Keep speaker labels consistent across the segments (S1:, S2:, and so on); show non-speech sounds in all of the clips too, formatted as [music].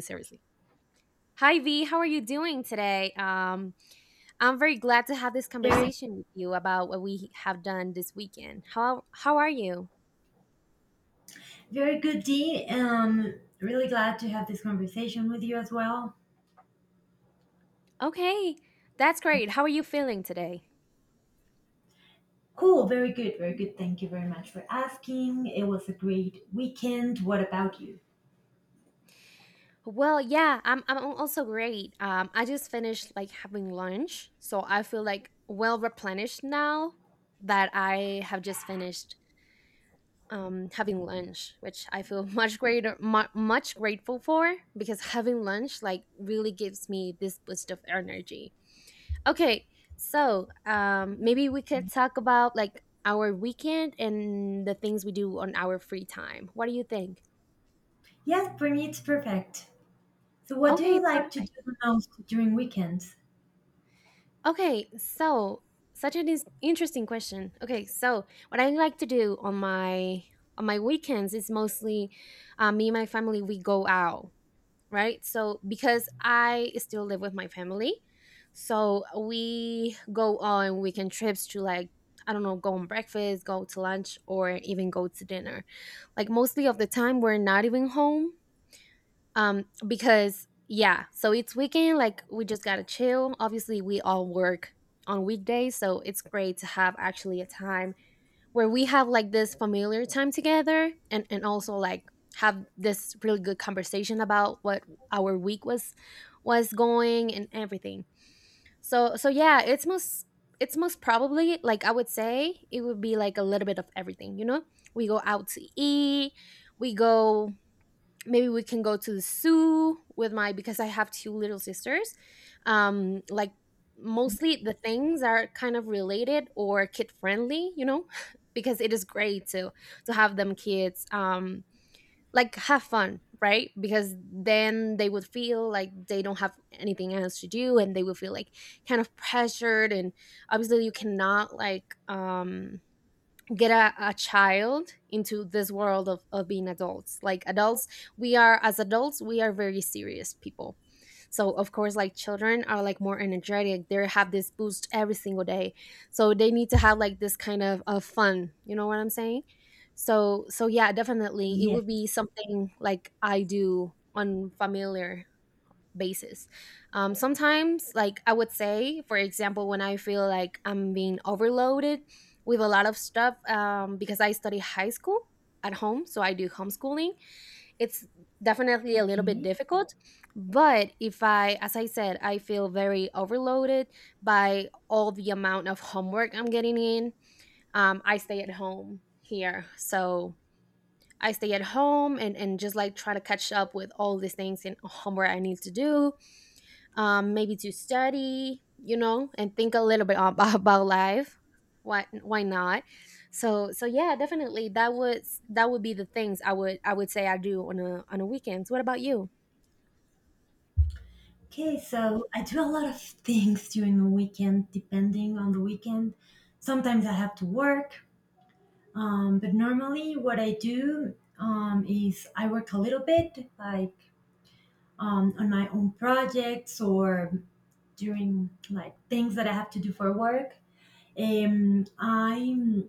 S1: Seriously. Hi V, how are you doing today? I'm very glad to have this
S2: Very,
S1: conversation with you about what we have done this weekend. How are you?
S2: very good, Dee. Really glad to have this conversation with you as well.
S1: Okay, that's great. How are you feeling today?
S2: Cool, very good, very good. Thank you very much for asking. It was a great weekend. What about you?
S1: Well, yeah, I'm also great. I just finished like having lunch, so I feel like well replenished now that I have just finished having lunch, which I feel [laughs] much greater, much grateful for because having lunch like really gives me this boost of energy. Okay, so maybe we could talk about like our weekend and the things we do on our free time. What do you think?
S2: Yes, for me it's perfect. So, what do
S1: Okay,
S2: you like to do
S1: perfect.
S2: the most during weekends?
S1: Okay, so such an interesting question. Okay, so what I like to do on my weekends is mostly me and my family we go out right? So because I still live with my family, so we go on weekend trips to like I don't know, go on breakfast, go to lunch, or even go to dinner. Like mostly of the time, we're not even home because yeah, so it's weekend. Like we just gotta chill. Obviously, we all work on weekdays, so it's great to have actually a time where we have like this familiar time together and also like have this really good conversation about what our week was going and everything, so so yeah, it's most probably, like I would say, it would be like a little bit of everything, you know? We go out to eat, we go, maybe we can go to the zoo with my, because I have two little sisters. Like mostly the things are kind of related or kid friendly, you know? [laughs] Because it is great to have them kids, like have fun right? Because then they would feel like they don't have anything else to do and they would feel like kind of pressured. And obviously you cannot like get a child into this world of being adults. Like adults, we are, as adults, we are very serious people. So of course, like, children are like more energetic, they have this boost every single day, so they need to have like this kind of fun, you know what I'm saying? So so yeah, definitely it
S2: Yes.
S1: would be something like I do on familiar basis. Sometimes, like I would say, for example, when I feel like I'm being overloaded with a lot of stuff because I study high school at home, so I do homeschooling, it's definitely a little bit
S2: Okay.
S1: difficult. But if I, as I said, I feel very overloaded by all the amount of homework I'm getting in, I stay at home here. So I stay at home and just like try to catch up with all these things and homework I need to do, maybe to study, you know, and think a little bit about, [laughs] about life. Why not? So so yeah, definitely that was, that would be the things I would, I would say I do on a, on a weekends. What about you?
S2: Okay, so I do a lot of things during the weekend, depending on the weekend. Sometimes I have to work, but normally what I do is I work a little bit, like on my own projects or during like things that I have to do for work. I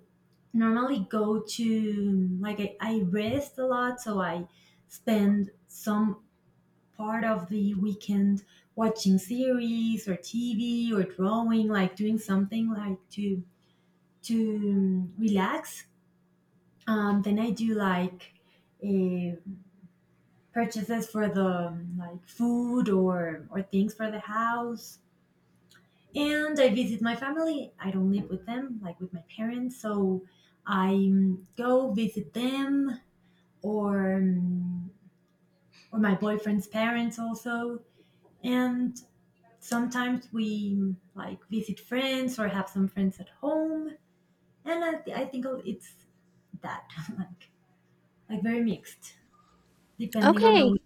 S2: normally go to like I rest a lot, so I spend some part of the weekend watching series or TV or drawing, like doing something like to relax. Then I do like uh, purchases for the like food or things for the house and I visit my family. I don't live with them, like with my parents. So I go visit them or um, or my boyfriend's parents also, and sometimes we like visit friends or have some friends at home. And I think it's that [laughs] like like very mixed depending on the
S1: Okay.
S2: week.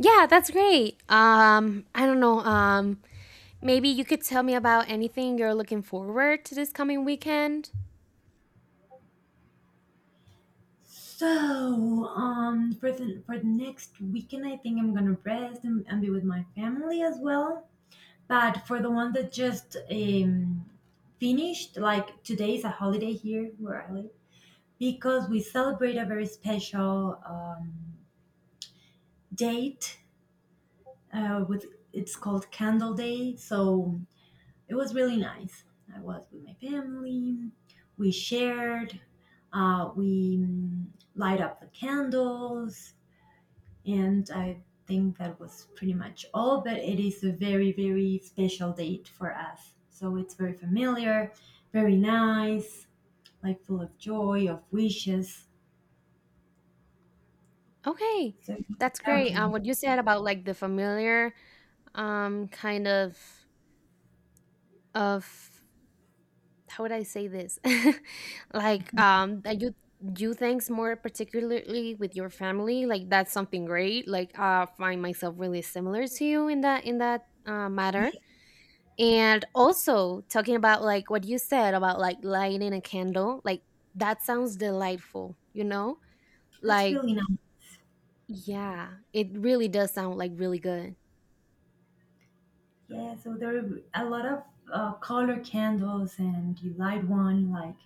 S1: Yeah, that's great. I don't know. Maybe you could tell me about anything you're looking forward to this coming weekend.
S2: So for the next weekend, I think I'm gonna rest and be with my family as well. But for the one that just finished, like today is a holiday here where I live because we celebrate a very special date with it's called Candle Day. So it was really nice. I was with my family. We shared. We light up the candles. And I think that was pretty much all, but it is a very, very special date for us. So it's very familiar, very nice, like full of joy, of wishes.
S1: Okay.
S2: So
S1: That's
S2: without
S1: great.
S2: you,
S1: What you said about like the familiar kind of how would I say this? [laughs] Like that you do things more particularly with your family, like that's something great. Like uh, find myself really similar to you in that, in that matter.
S2: yeah,
S1: And also talking about like what you said about like lighting a candle, like that sounds delightful, you know?
S2: that's
S1: Like
S2: really nice.
S1: yeah, it really does sound like really good.
S2: Yeah, so there are a lot of color candles, and you light one. Like,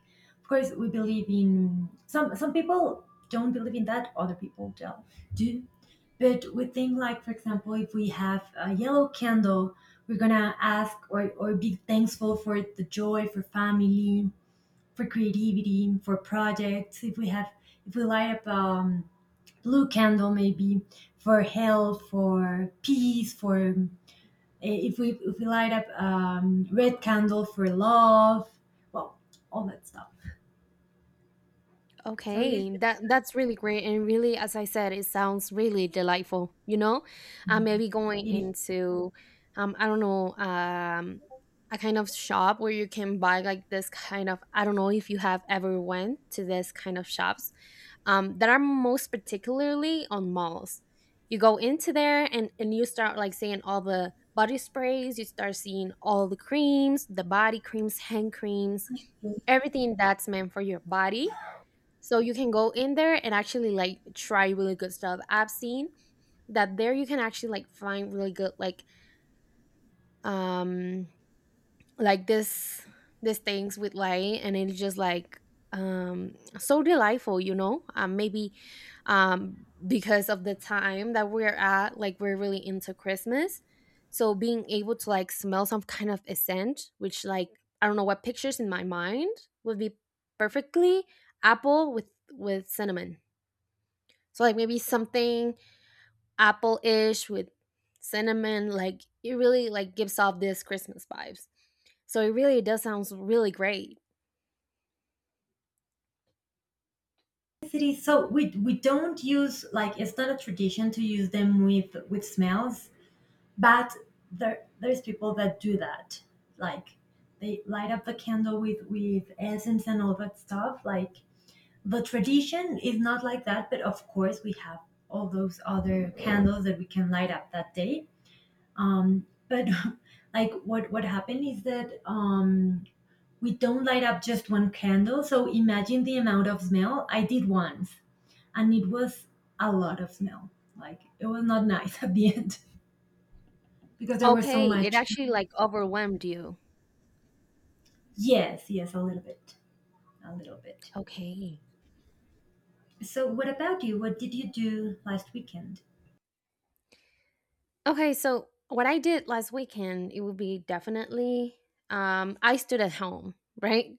S2: of course, we believe in some. Some people don't believe in that. Other people do. Do, but we think like, for example, if we have a yellow candle, we're gonna ask or be thankful for the joy, for family, for creativity, for projects. If we have, if we light up blue candle, maybe for health, for peace, for Eh, if we light up red candle for love, well, all that stuff. So it is.
S1: Okay, that that's really great and really, as I said, it sounds really delightful, you know? Maybe going
S2: It
S1: into I don't know, a kind of shop where you can buy like this kind of, I don't know if you have ever went to this kind of shops that are most particularly on malls. You go into there and you start like seeing all the body sprays, you start seeing all the creams, the body creams, hand creams,
S2: is.
S1: everything that's meant for your body, so you can go in there and actually like try really good stuff. I've seen that there you can actually like find really good um like this, these things with light, and it's just like so delightful, you know? Maybe because of the time that we're at, like we're really into Christmas, so being able to like smell some kind of scent, which like I don't know, what pictures in my mind would be perfectly apple with cinnamon. So like maybe something apple-ish with cinnamon, like it really like gives off this Christmas vibes. So it really does sounds really great.
S2: It is. So we don't use like it's not a tradition to use them with smells, but there there's people that do that. Like they light up the candle with essence and all that stuff. Like the tradition is not like that, but of course we have all those other candles that we can light up that day. But [laughs] like what happened is that we don't light up just one candle. So imagine the amount of smell I did once, and it was a lot of smell. Like it was not nice [laughs] at the end because there was so
S1: Okay, it
S2: much.
S1: actually like overwhelmed you.
S2: Yes, yes, a little bit, a little bit.
S1: Okay.
S2: So what about you? What did you do last weekend?
S1: Okay, so what I did last weekend, it would be definitely I stood at home, right?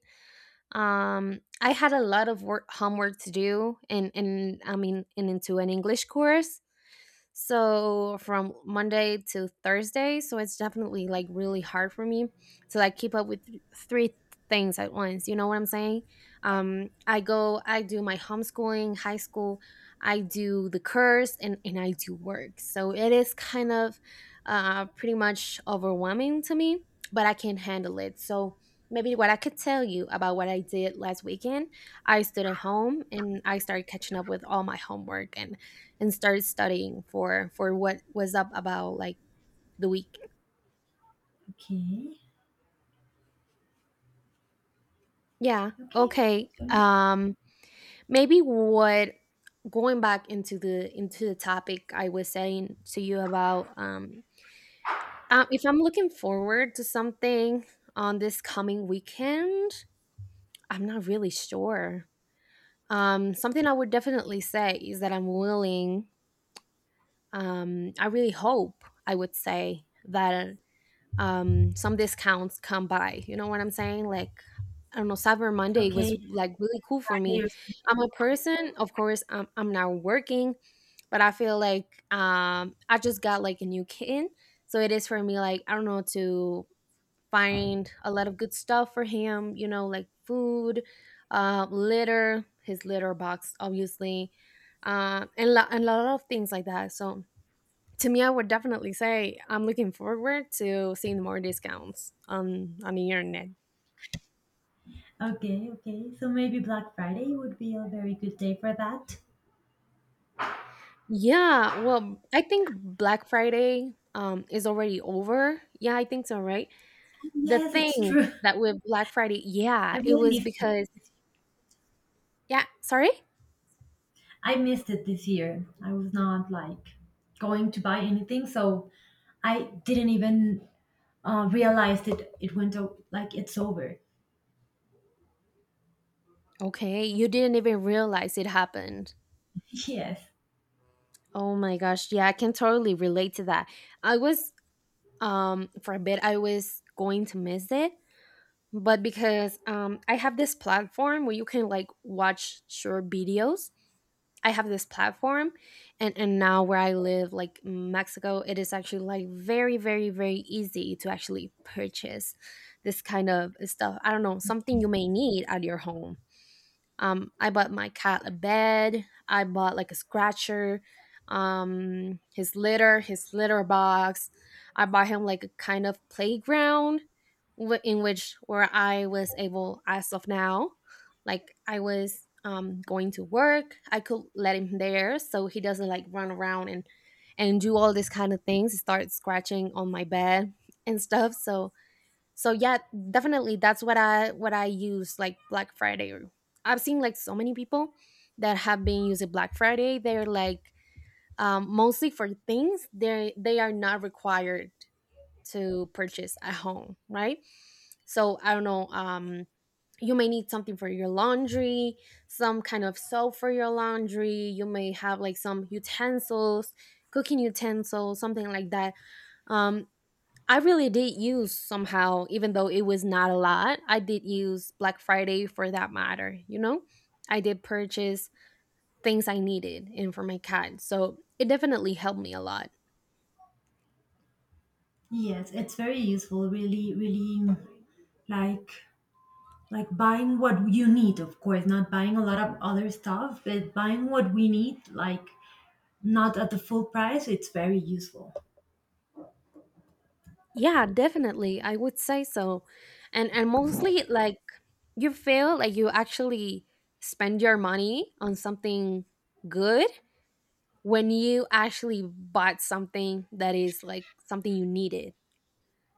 S1: I had a lot of work, homework to do, and I mean and into an English course. So from Monday to Thursday, so it's definitely like really hard for me to like keep up with three things at once. You know what I'm saying? I go, I do my homeschooling, high school, I do the course and I do work. So it is kind of pretty much overwhelming to me, but I can handle it. So maybe what I could tell you about what I did last weekend, I stood at home and I started catching up with all my homework and started studying for what was up about like the week.
S2: Okay,
S1: Yeah.
S2: okay,
S1: Okay. Maybe what, going back into the, into the topic I was saying to you about if I'm looking forward to something on this coming weekend, I'm not really sure. Something I would definitely say is that I'm willing, I really hope I would say that some discounts come by, you know what I'm saying? Like I don't know, Cyber Monday was
S2: okay.
S1: like really cool for me.
S2: Friday or-
S1: I'm a person, of course I'm now working, but I feel like I just got like a new kitten, so it is for me like, I don't know, to find a lot of good stuff for him, you know, like food, litter, his litter box obviously, and a lot of things like that. So to me, I would definitely say I'm looking forward to seeing more discounts on the internet.
S2: Okay, okay. So maybe Black Friday would be a very good day for that.
S1: Yeah, well, I think Black Friday is already over. Yeah, I think so, right? The
S2: Yes, it's
S1: thing
S2: true.
S1: that with Black Friday, yeah,
S2: I
S1: it
S2: really
S1: was
S2: missed it.
S1: because yeah, sorry?
S2: I missed it this year. I was not like going to buy anything, so I didn't even realize that it went o- like it's over. [laughs]
S1: Okay, you didn't even realize it happened.
S2: Yes,
S1: Oh my gosh, yeah, I can totally relate to that. I was for a bit I was going to miss it, but because I have this platform where you can like watch short videos. I have this platform, and now where I live, like Mexico, it is actually like very very very easy to actually purchase this kind of stuff. I don't know, something you may need at your home. I bought my cat a bed. I bought like a scratcher, his litter box. I bought him like a kind of playground in which, where I was able as of now, like I was going to work, I could let him there so he doesn't like run around and do all these kind of things, start scratching on my bed and stuff. So so yeah, definitely that's what I, what I use like Black Friday. I've seen like so many people that have been using Black Friday, they're like mostly for things they are not required to purchase at home, right? So I don't know, you may need something for your laundry, some kind of soap for your laundry, you may have like some utensils, cooking utensils, something like that. um I really did use somehow, even though it was not a lot, I did use Black Friday for that matter, you know? I did purchase things I needed and for my cat. So it definitely helped me a lot.
S2: yes, it's very useful. Really, really like like buying what you need, of course, not buying a lot of other stuff, but buying what we need, like not at the full price. It's very useful.
S1: Yeah, definitely. I would say so. And mostly like you feel like you actually spend your money on something good when you actually bought something that is like something you needed.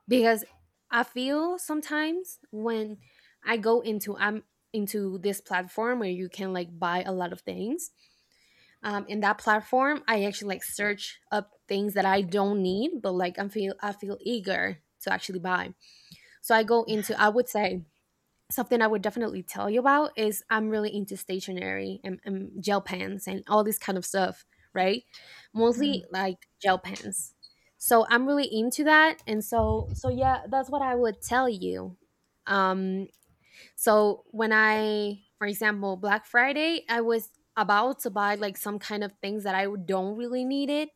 S1: Because I feel sometimes when I go into, I'm into this platform where you can like buy a lot of things. In that platform, I actually like search up things that I don't need, but like I feel, I feel eager to actually buy. So I go into I would say something I would definitely tell you about is I'm really into stationery and gel pens and all this kind of stuff, right?
S2: Yeah,
S1: Mostly like gel pens. So I'm really into that, and so yeah, that's what I would tell you. Um, so when I, for example, Black Friday, I was about to buy like some kind of things that I don't really needed,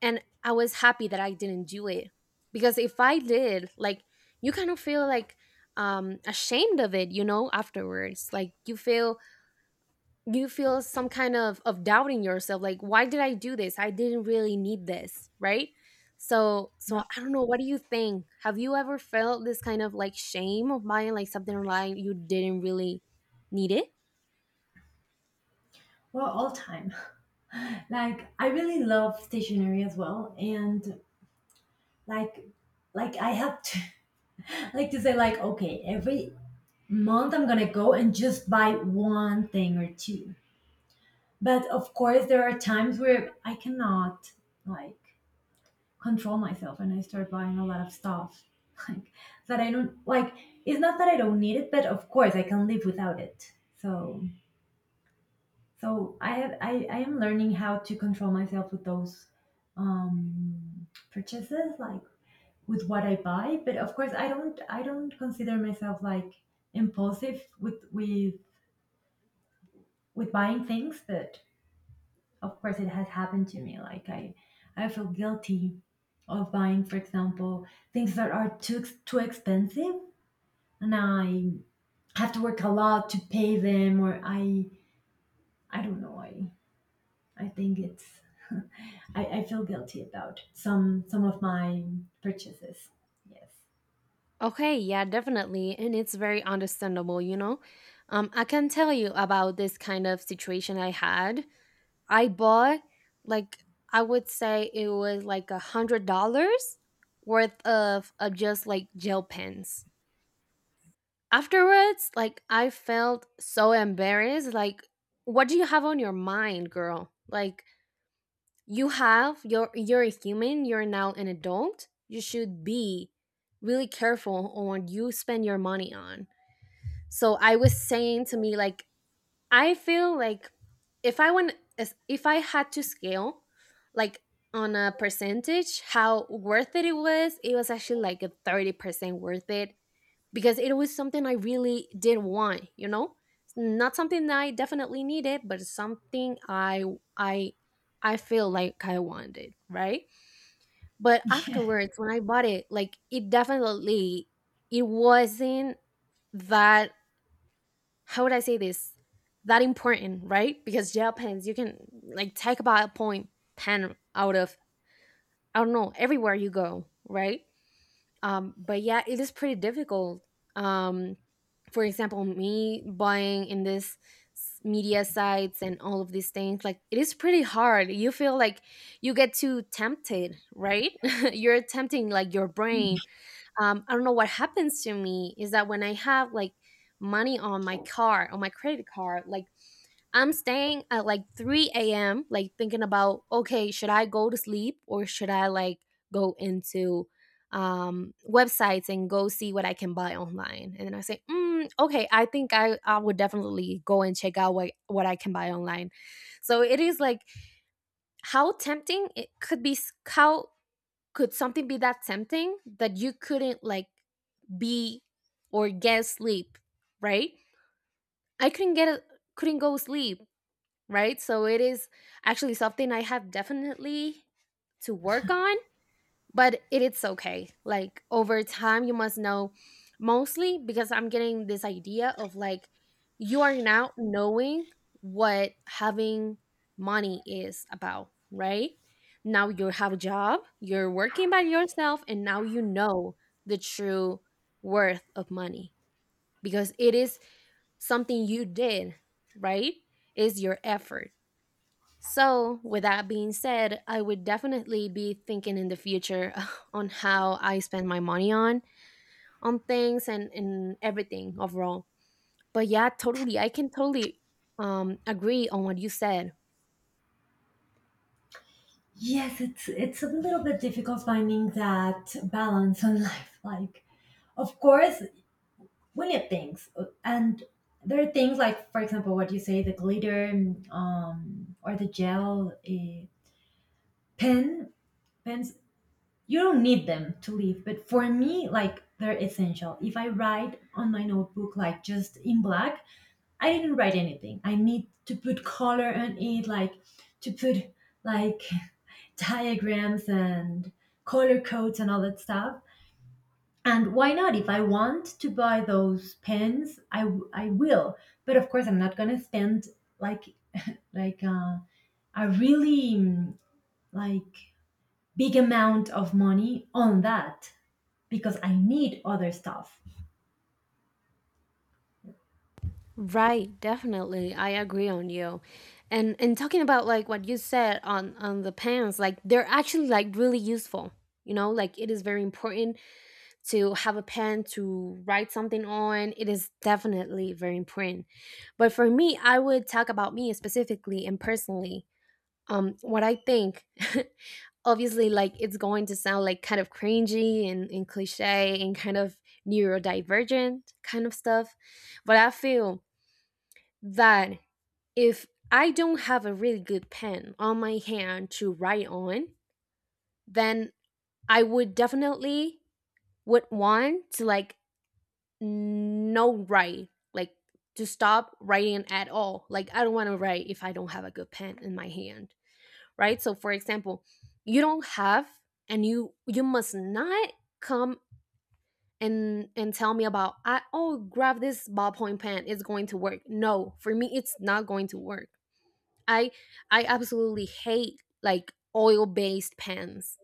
S1: and I was happy that I didn't do it because if I did, like you kind of feel like ashamed of it afterwards. Like you feel, you feel some kind of doubting yourself, like why did I do this? I didn't really need this, right? So
S2: right.
S1: I don't know, what do you think? Have you ever felt this kind of like shame of buying like something online you didn't really need it?
S2: Well, all time. [laughs] Like I really love stationery as well, and like like I have to [laughs] like to say like okay every month I'm gonna go and just buy one thing or two, but of course there are times where I cannot like control myself and I start buying a lot of stuff [laughs] like that I don't like. It's not that I don't need it, but of course I can live without it. So so I have I am learning how to control myself with those purchases, like with what I buy. But of course, I don't consider myself like impulsive with buying things. But of course, it has happened to me. Like I feel guilty of buying, for example, things that are too ex- too expensive, and I have to work a lot to pay them, or I don't know. I think it's I feel guilty about some of my purchases.
S1: Okay, yeah, definitely. And it's very understandable, you know. I can tell you about this kind of situation I had. I bought, like, I would say it was like $100 worth of just like gel pens. Afterwards, like I felt so embarrassed. Like, what do you have on your mind, girl? Like you're a human, you're now an adult. You should be really careful on what you spend your money on. So I was saying to me, like, I feel like if I had to scale, like, on a percentage how worth it it was actually like a 30% worth it because it was something I really did want, you know? Not something that I definitely needed, but something I I feel like I wanted, right? But
S2: Yes. [laughs] Yeah.
S1: afterwards when I bought it, like, it definitely, it wasn't that, how would I say this? That important, right? Because gel pens, you can like take about a point pen out of, I don't know, everywhere you go, right? But yeah, it is pretty difficult. Um, for example, me buying in this media sites and all of these things, like it is pretty hard. You feel like you get too tempted, right? [laughs] You're tempting like your brain. I don't know what happens to me is that when I have like money on my card, on my credit card, like I'm staying at like 3 a.m., like thinking about, okay, should I go to sleep or should I like go into websites and go see what I can buy online? And then I say, mm, okay, I think I would definitely go and check out what I can buy online. So it is like how tempting it could be, how could something be that tempting that you couldn't like be or get sleep, right? I couldn't couldn't go sleep, right? So it is actually something I have definitely to work on. But it's okay, like over time you must know, mostly because I'm getting this idea of like you are now knowing what having money is about, right? Now you have a job, you're working by yourself, and now you know the true worth of money because it is something you did, right? Is your effort. So, with that being said, I would definitely be thinking in the future [laughs] [sighs] on how I spend my money on things and everything overall. But yeah, totally, I can totally agree on what you said.
S2: Yes, it's a little bit difficult finding that balance in [laughs] life. Like, of course, we need things, and there are things like, for example, what you say, the glitter, or the gel, pen, pens. You don't need them to live, but for me, like, they're essential. If I write on my notebook, like just in black, I didn't write anything. I need to put color on it, like to put like [laughs] diagrams and color codes and all that stuff. And why not? If I want to buy those pens, I will. But of course, I'm not gonna spend like like uh, a really like big amount of money on that because I need other stuff.
S1: Right, definitely. I agree on you. And talking about like what you said on the pants, like they're actually like really useful. You know, like it is very important to have a pen to write something on. It is definitely very important, but for me, I would talk about me specifically and personally, what I think. [laughs] Obviously, like, it's going to sound like kind of cringy and cliche and kind of neurodivergent kind of stuff, but I feel that if I don't have a really good pen on my hand to write on, then I would definitely would want to like no, write, like, to stop writing at all. Like, I don't want to write if I don't have a good pen in my hand, right? So for example, you don't have, and you must not come and tell me about, I, oh, grab this ballpoint pen, it's going to work. No, for me it's not going to work. I i absolutely hate like oil based pens.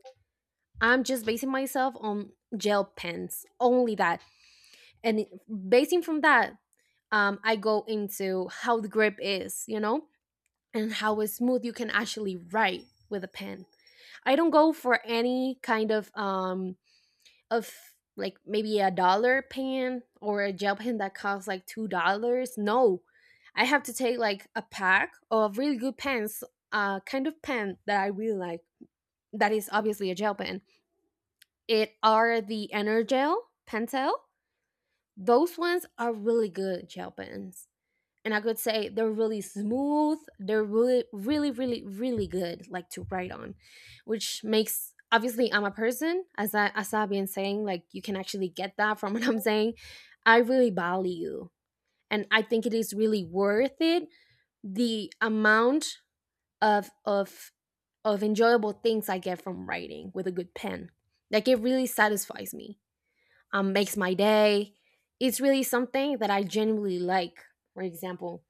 S1: I'm just basing myself on gel pens only, that, and basing from that, I go into how the grip is, you know, and how smooth you can actually write with a pen. I don't go for any kind of like maybe a dollar pen or a gel pen that costs like $2. No, I have to take like a pack of really good pens, kind of pen that I really like. That is obviously a gel pen. It are the Energel Pentel. Those ones are really good gel pens, and I could say they're really smooth. They're really, really, really, really good, like, to write on, which makes, obviously I'm a person, as I've been saying, like you can actually get that from [laughs] what I'm saying. I really value, and I think it is really worth it, the amount of of of enjoyable things I get from writing with a good pen. Like it really satisfies me. Makes my day. It's really something that I genuinely like. For example,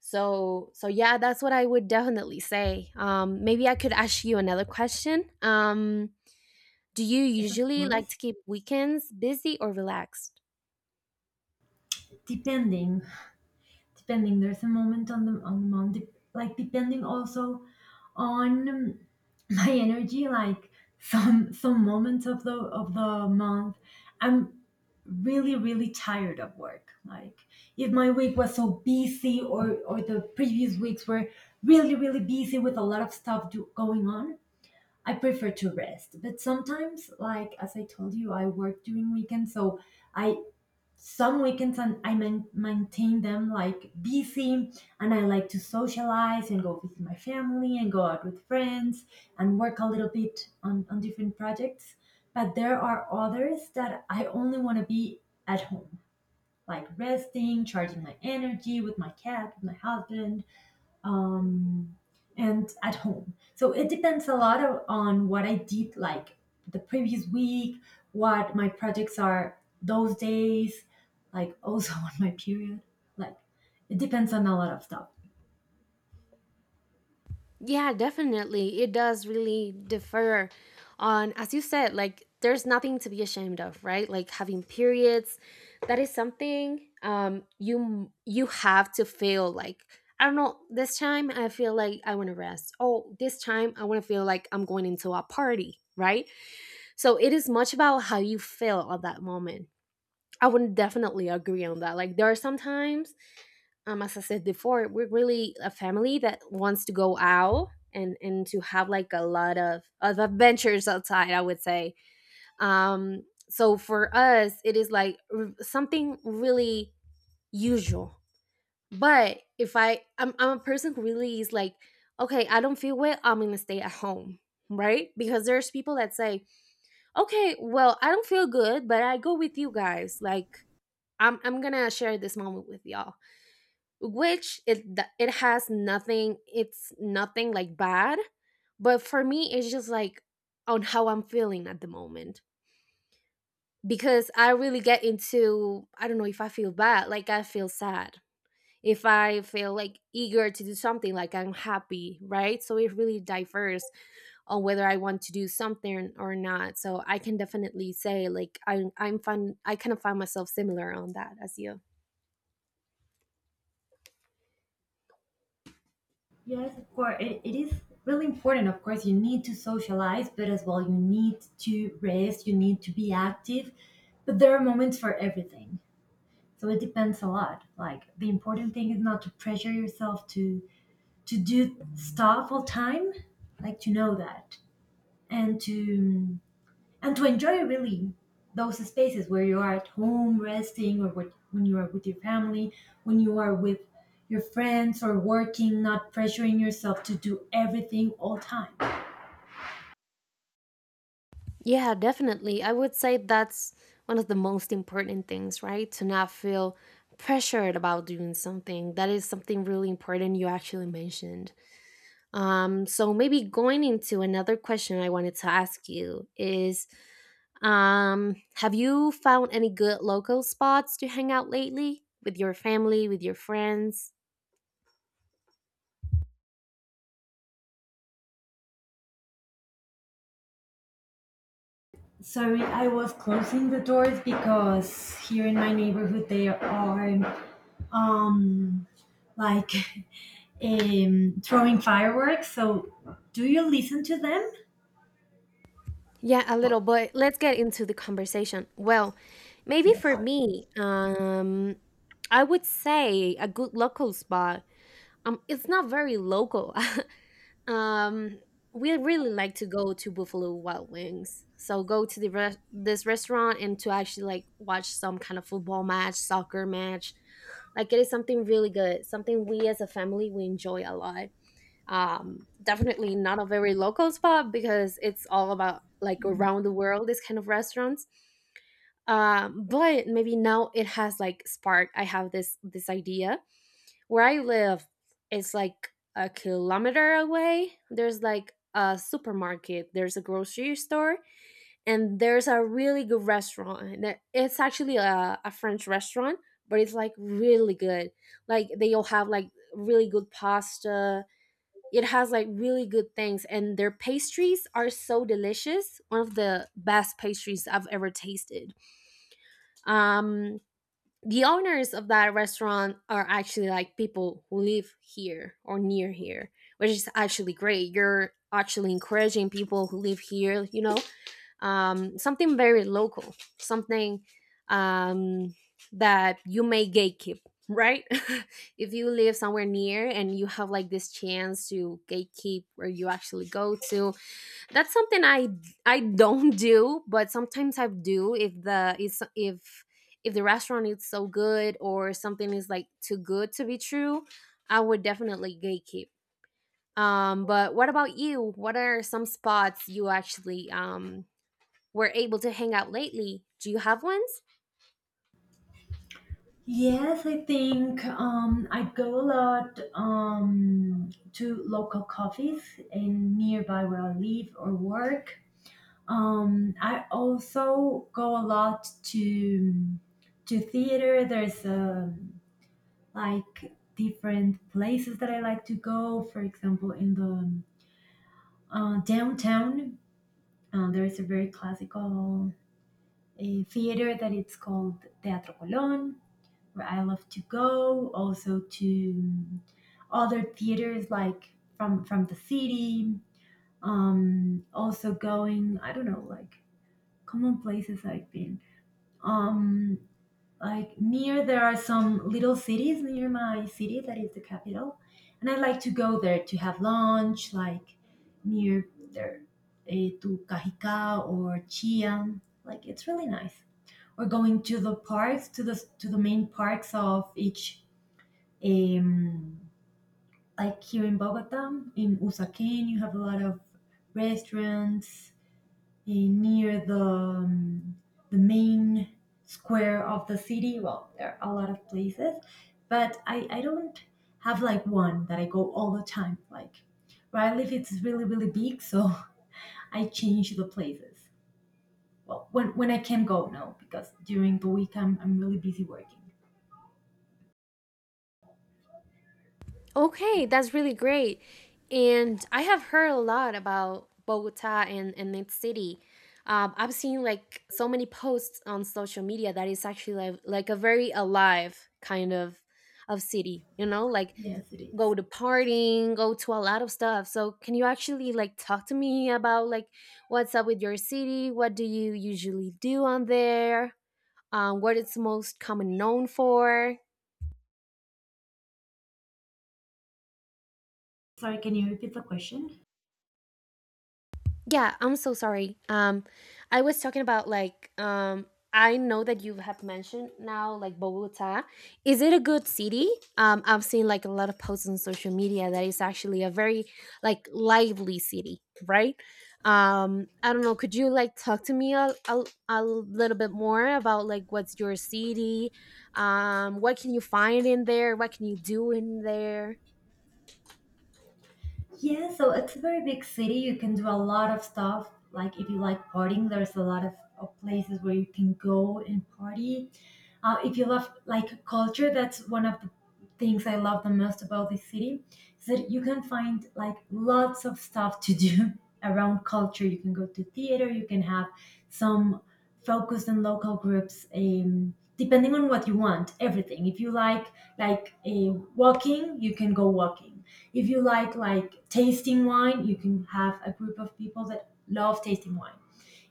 S1: so yeah, that's what I would definitely say. Maybe I could ask you another question. Do you
S2: Yes, of
S1: usually like
S2: course,
S1: to keep weekends busy or relaxed?
S2: depending depending there's a moment on the month dep- like depending also on my energy, like some moments of the month I'm really really tired of work, like if my week was so busy or the previous weeks were really really busy with a lot of stuff do, going on, I prefer to rest. But sometimes like as I told you, I work during weekends, so I some weekends and I main maintain them like busy, and I like to socialize and go visit my family and go out with friends and work a little bit on different projects. But there are others that I only want to be at home, like resting, charging my energy with my cat, with my husband, um, and at home. So it depends a lot of, on what I did like the previous week, what my projects are those days, like [laughs] also on my period. Like it depends on a lot of stuff.
S1: Yeah, definitely. It does really differ on, as you said, like there's nothing to be ashamed of, right? Like having periods, that is something you you have to feel like, I don't know, this time I feel like I want to rest. Oh, this time I want to feel like I'm going into a party, right? So it is much about how you feel at that moment. I would definitely agree on that. Like there are sometimes, as I said before, we're really a family that wants to go out and to have like a lot of adventures outside, I would say. Um, so for us, it is like something really usual. But if I, I'm a person who really is like, okay, I don't feel well, I'm gonna stay at home, right? Because there's people that say, okay, well I don't feel good but I go with you guys, like I'm gonna share this moment with y'all, which it has nothing, it's nothing like bad, but for me it's just like on how I'm feeling at the moment, because I really get into, I don't know, if I feel bad like I feel sad, if I feel like eager to do something like I'm happy, right? So it really diverse on whether I want to do something or not. So I can definitely say like I'm fun, I kind of find myself similar on that as you.
S2: Yes, of course. It is really important. Of course, you need to socialize, but as well, you need to rest, you need to be active. But there are moments for everything. So it depends a lot. Like the important thing is not to pressure yourself to do stuff all time, like to know that and to and to enjoy really those spaces where you are at home resting or with, when you are with your family, when you are with your friends or working, not pressuring yourself to do everything all time.
S1: Yeah, definitely. I would say that's one of the most important things, right? To not feel pressured about doing something. That is something really important you actually mentioned. So maybe going into another question I wanted to ask you is, have you found any good local spots to hang out lately with your family, with your friends?
S2: Sorry, I was closing the doors because here in my neighborhood they are um like [laughs] throwing fireworks. So, do you listen to them?
S1: Yeah, a little,
S2: Well,
S1: but let's get into the conversation. Well, maybe
S2: yes.
S1: for me, I would say a good local spot. It's not very local. [laughs] Um, we really like to go to Buffalo Wild Wings. So go to the this restaurant and to actually like watch some kind of football match, soccer match. Like it is something really good, something we as a family we enjoy a lot. Um, definitely not a very local spot because it's all about like around the world this kind of restaurants. Um, but maybe now it has like spark, I have this idea. Where I live, it's like a kilometer away, there's like a supermarket, there's a grocery store, and there's a really good restaurant that it's actually a French restaurant, but it's like really good. Like they all have like really good pasta, it has like really good things, and their pastries are so delicious. One of the best pastries I've ever tasted. Um, the owners of that restaurant are actually like people who live here or near here, which is actually great. You're actually encouraging people who live here, you know, something very local, something um, that you may gatekeep, right? [laughs] If you live somewhere near and you have like this chance to gatekeep where you actually go to, that's something I don't [laughs] do, but sometimes I do if the is if the restaurant is so good or something is like too good to be true, I would definitely gatekeep. But what about you? What are some spots you actually were able to hang out lately? Do you have ones?
S2: Yes, I think I go a lot to local coffees in nearby where I live or work. I also go a lot to theater. There's like different places that I like to go. For example, in the downtown, there is a very classical a theater that it's called Teatro Colón, where I love to go. Also to other theaters like from the city. Also going, I don't know, like common places I've been. Um, like near there are some little cities near my city that is the capital, and I like to go there to have lunch, like near there to Cajicá or Chia. Like it's really nice, or going to the parks, to the main parks of each um like here in Bogota. In Usaquén you have a lot of restaurants near the main square of the city. Well, there are a lot of places, but I don't have like one that I go all the time, like where I live it's really really big, so [laughs] I change the places, well, when I can go, no, because during the week I'm really busy working.
S1: Okay, that's really great. And I have heard a lot about Bogota and its city. I've seen like so many posts on social media that it's actually like a very alive kind of city, you know, like
S2: Yes, it
S1: go
S2: is.
S1: to partying, go to a lot of stuff. So can you actually like talk to me about like what's up with your city? What do you usually do on there? What it's most common known for?
S2: Sorry, can you repeat the question?
S1: Yeah, I'm so sorry. I was talking about like I know that you have mentioned now like Bogota. Is it a good city? I've seen like a lot of posts on social media that it's actually a very like lively city, right? I don't know. Could you like talk to me a little bit more about like what's your city? What can you find in there? What can you do in there?
S2: Yeah, so it's a very big city. You can do a lot of stuff. Like if you like partying, there's a lot of places where you can go and party. If you love like culture, that's one of the things I love the most about this city, is that you can find like lots of stuff to do [laughs] around culture. You can go to theater. You can have some focused and local groups. Depending on what you want, everything, if you like walking, you can go walking. If you like tasting wine, you can have a group of people that love tasting wine.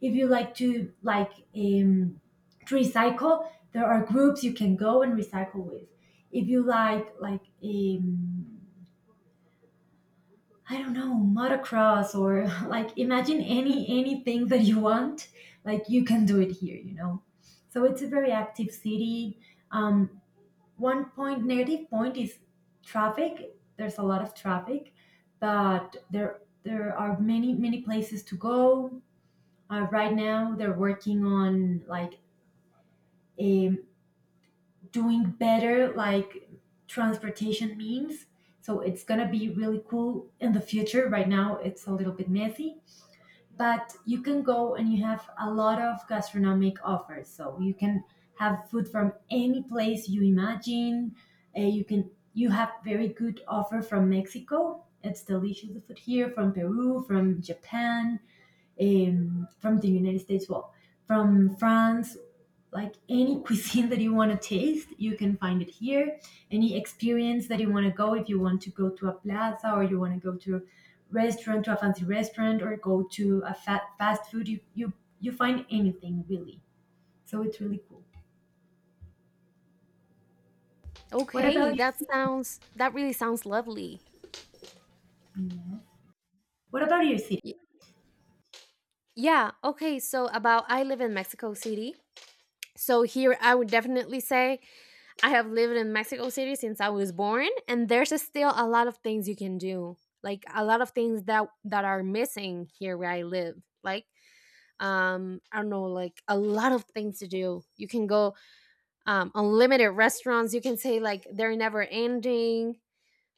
S2: If you like to to recycle, there are groups you can go and recycle with. If you like I don't know, motocross, or [laughs] like imagine anything that you want, like you can do it here. You know, so it's a very active city. Um, One point, negative point, is traffic. There's a lot of traffic, but there are many places to go. Right now, they're working on like um, doing better like transportation means. So it's gonna be really cool in the future. Right now it's a little bit messy, but you can go and you have a lot of gastronomic offers. So you can have food from any place you imagine. You can, you have very good offer from Mexico. It's delicious, the food here, from Peru, from Japan, from the United States, well, from France, like any [laughs] cuisine that you want to taste, you can find it here. Any experience that you want to go, if you want to go to a plaza or you want to go to a restaurant, to a fancy restaurant, or go to a fat, fast food, you you find anything, really. So it's really cool. What
S1: Okay,
S2: about your
S1: that
S2: city?
S1: sounds that really sounds lovely.
S2: What about your city?
S1: Yeah. Okay. So about I live in Mexico City. So here I would definitely say I have lived in Mexico City since I was born and there's still a lot of things you can do. Like a lot of things that are missing here where I live. Like I don't know like a lot of things to do. You can go unlimited restaurants. You can say like they're never ending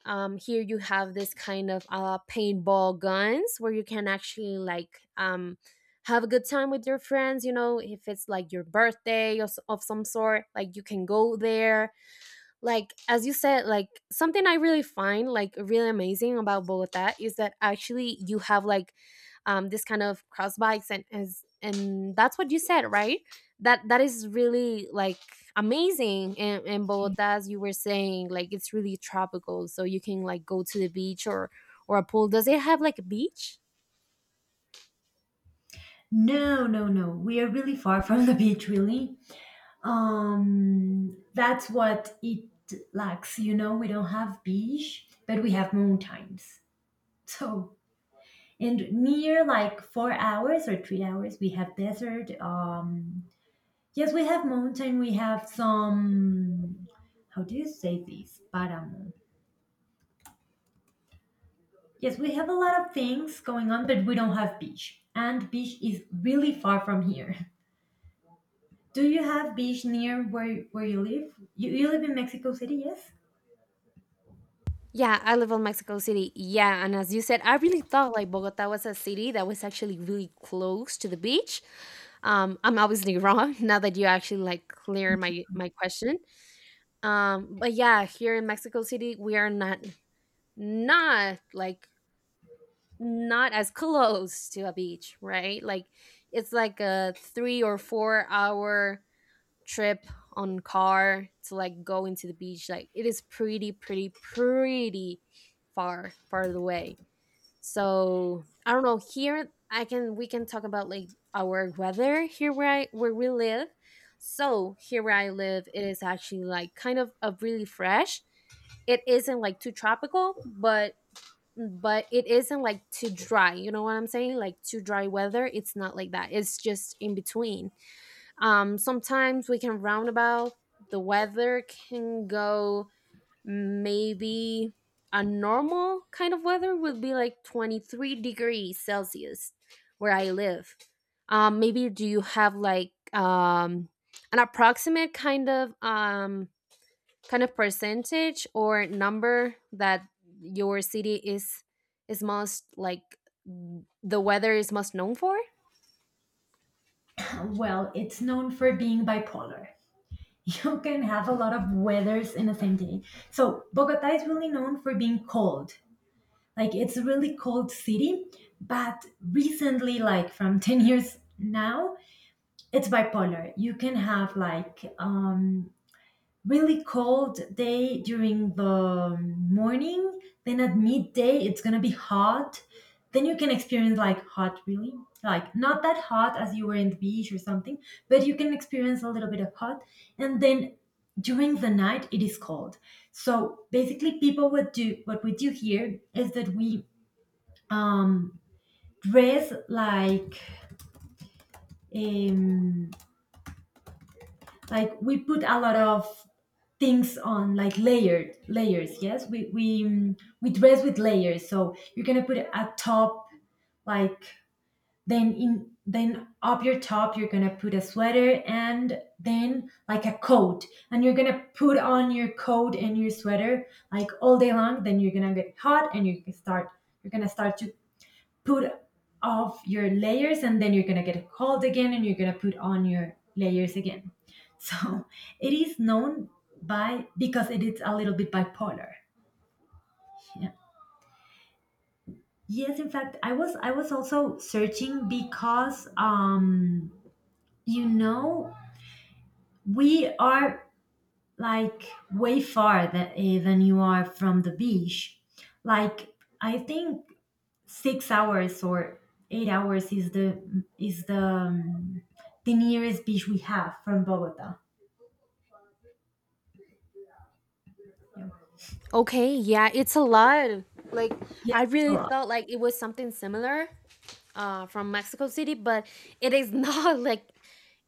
S1: here you have this kind of paintball guns where you can actually like have a good time with your friends, you know, if it's like your birthday or of some sort, like you can go there, like as you said, like something I really find like really amazing about Bogota is that actually you have like this kind of cross bikes and as and that's what you said, right? That is really like amazing in Bogota, as you were saying, like it's really tropical so you can like go to the beach or a pool. Does it have like a beach?
S2: No, no, no. We are really far from the beach, really. That's what it lacks. You know, we don't have beach, but we have mountains. So and near like 4 hours or 3 hours, we have desert. Yes, we have mountain. We have some. How do you say this? Paramo. Yes, we have a lot of things going on, but we don't have beach. And beach is really far from here. [laughs] Do you have beach near where you live? You live in Mexico City, yes?
S1: Yeah, I live in Mexico City. Yeah, and as you said, I really thought like Bogota was a city that was actually really close to the beach. I'm obviously wrong [laughs] now that you actually like clear my question. But yeah, here in Mexico City, we are not not like not as close to a beach, right? Like it's like a three or four-hour trip on car to like go into the beach. Like it is pretty, pretty, pretty far, far away. So I don't know. Here I can we can talk about like our weather here where I where we live. So here where I live, it is actually like kind of a really fresh. It isn't like too tropical, but it isn't like too dry. You know what I'm saying? Like too dry weather. It's not like that. It's just in between. Sometimes we can roundabout. The weather can go maybe a normal kind of weather would be like 23 degrees Celsius where I live. Maybe do you have like an approximate kind of percentage or number that your city is most like the weather is most known for?
S2: Well, it's known for being bipolar. [laughs] You can have a lot of weathers in the same day. So Bogota is really known for being cold. Like it's a really cold city, but recently, like from [laughs] 10 years now, it's bipolar. You can have like really cold day during the morning, then at midday it's gonna be hot. Then you can experience like hot, really, like not that hot as you were in the beach or something, but you can experience a little bit of hot. And then during the night it is cold. So basically, people would do, what we do here is that we um, dress um, like we put a lot of things on, like layered, layers, yes, we we we dress with layers. So you're gonna put a top, like, then in, then up your top, you're gonna put a sweater, and then like a coat. And you're gonna put on your coat and your sweater like all day long. Then you're gonna get hot, and you can start, you're gonna start to put off your layers. And then you're going to get cold again, and you're going to put on your layers again. So [laughs] it is known by, because it is a little bit bipolar. Yeah. Yes, in fact, I was also searching, because you know, we are, like, way far that, eh, than you are from the beach. Like, I think 6 hours or 8 hours is the nearest beach we have from Bogota. Yeah.
S1: Okay, yeah, it's a lot. Like
S2: Yes,
S1: I
S2: it's a
S1: really
S2: lot.
S1: thought like it was something similar from Mexico City, but it is [laughs] not like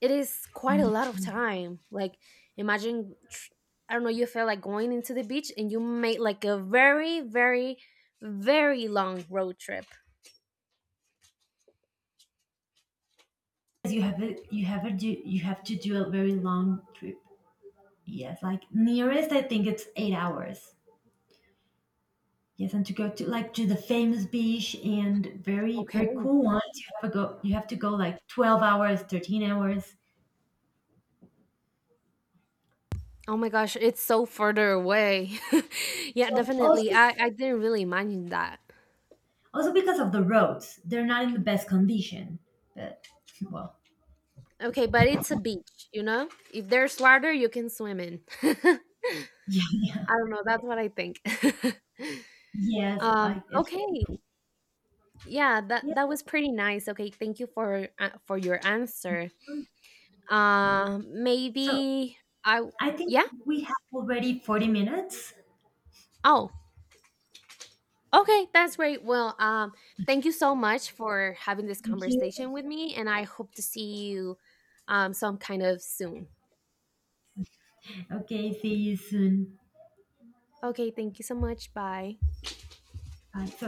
S1: it is quite a lot of time. Like imagine I don't know, you feel like going into the beach and you made like a very, very, very long road trip.
S2: You have a do, you have to do a very long trip. Yes, like nearest, I think it's 8 hours. Yes, and to go to like to the famous beach and very
S1: Okay.
S2: very cool ones, you have to go. You have to go like 12 hours, 13 hours.
S1: Oh my gosh, it's so further away. [laughs] Yeah,
S2: Yes,
S1: definitely.
S2: also,
S1: I didn't really imagine that.
S2: also because of the roads, they're not in the best condition. But well,
S1: Okay, but it's a beach, you know? If there's water, you can swim in. [laughs]
S2: [laughs] yeah. Yeah.
S1: I don't know, that's what I think. [laughs]
S2: Yes, like it's
S1: Okay,
S2: really cool.
S1: yeah, that
S2: Yeah.
S1: that was pretty nice. Okay, thank you for your answer.
S2: So
S1: Maybe I w-
S2: I think
S1: yeah.
S2: we have already 40 minutes.
S1: Oh, okay, that's great. Well, thank you so much for having this
S2: Thank you.
S1: conversation with me, and I hope to see you some kind of soon.
S2: Okay, see you soon.
S1: Okay, thank you so much. Bye.
S2: Bye. So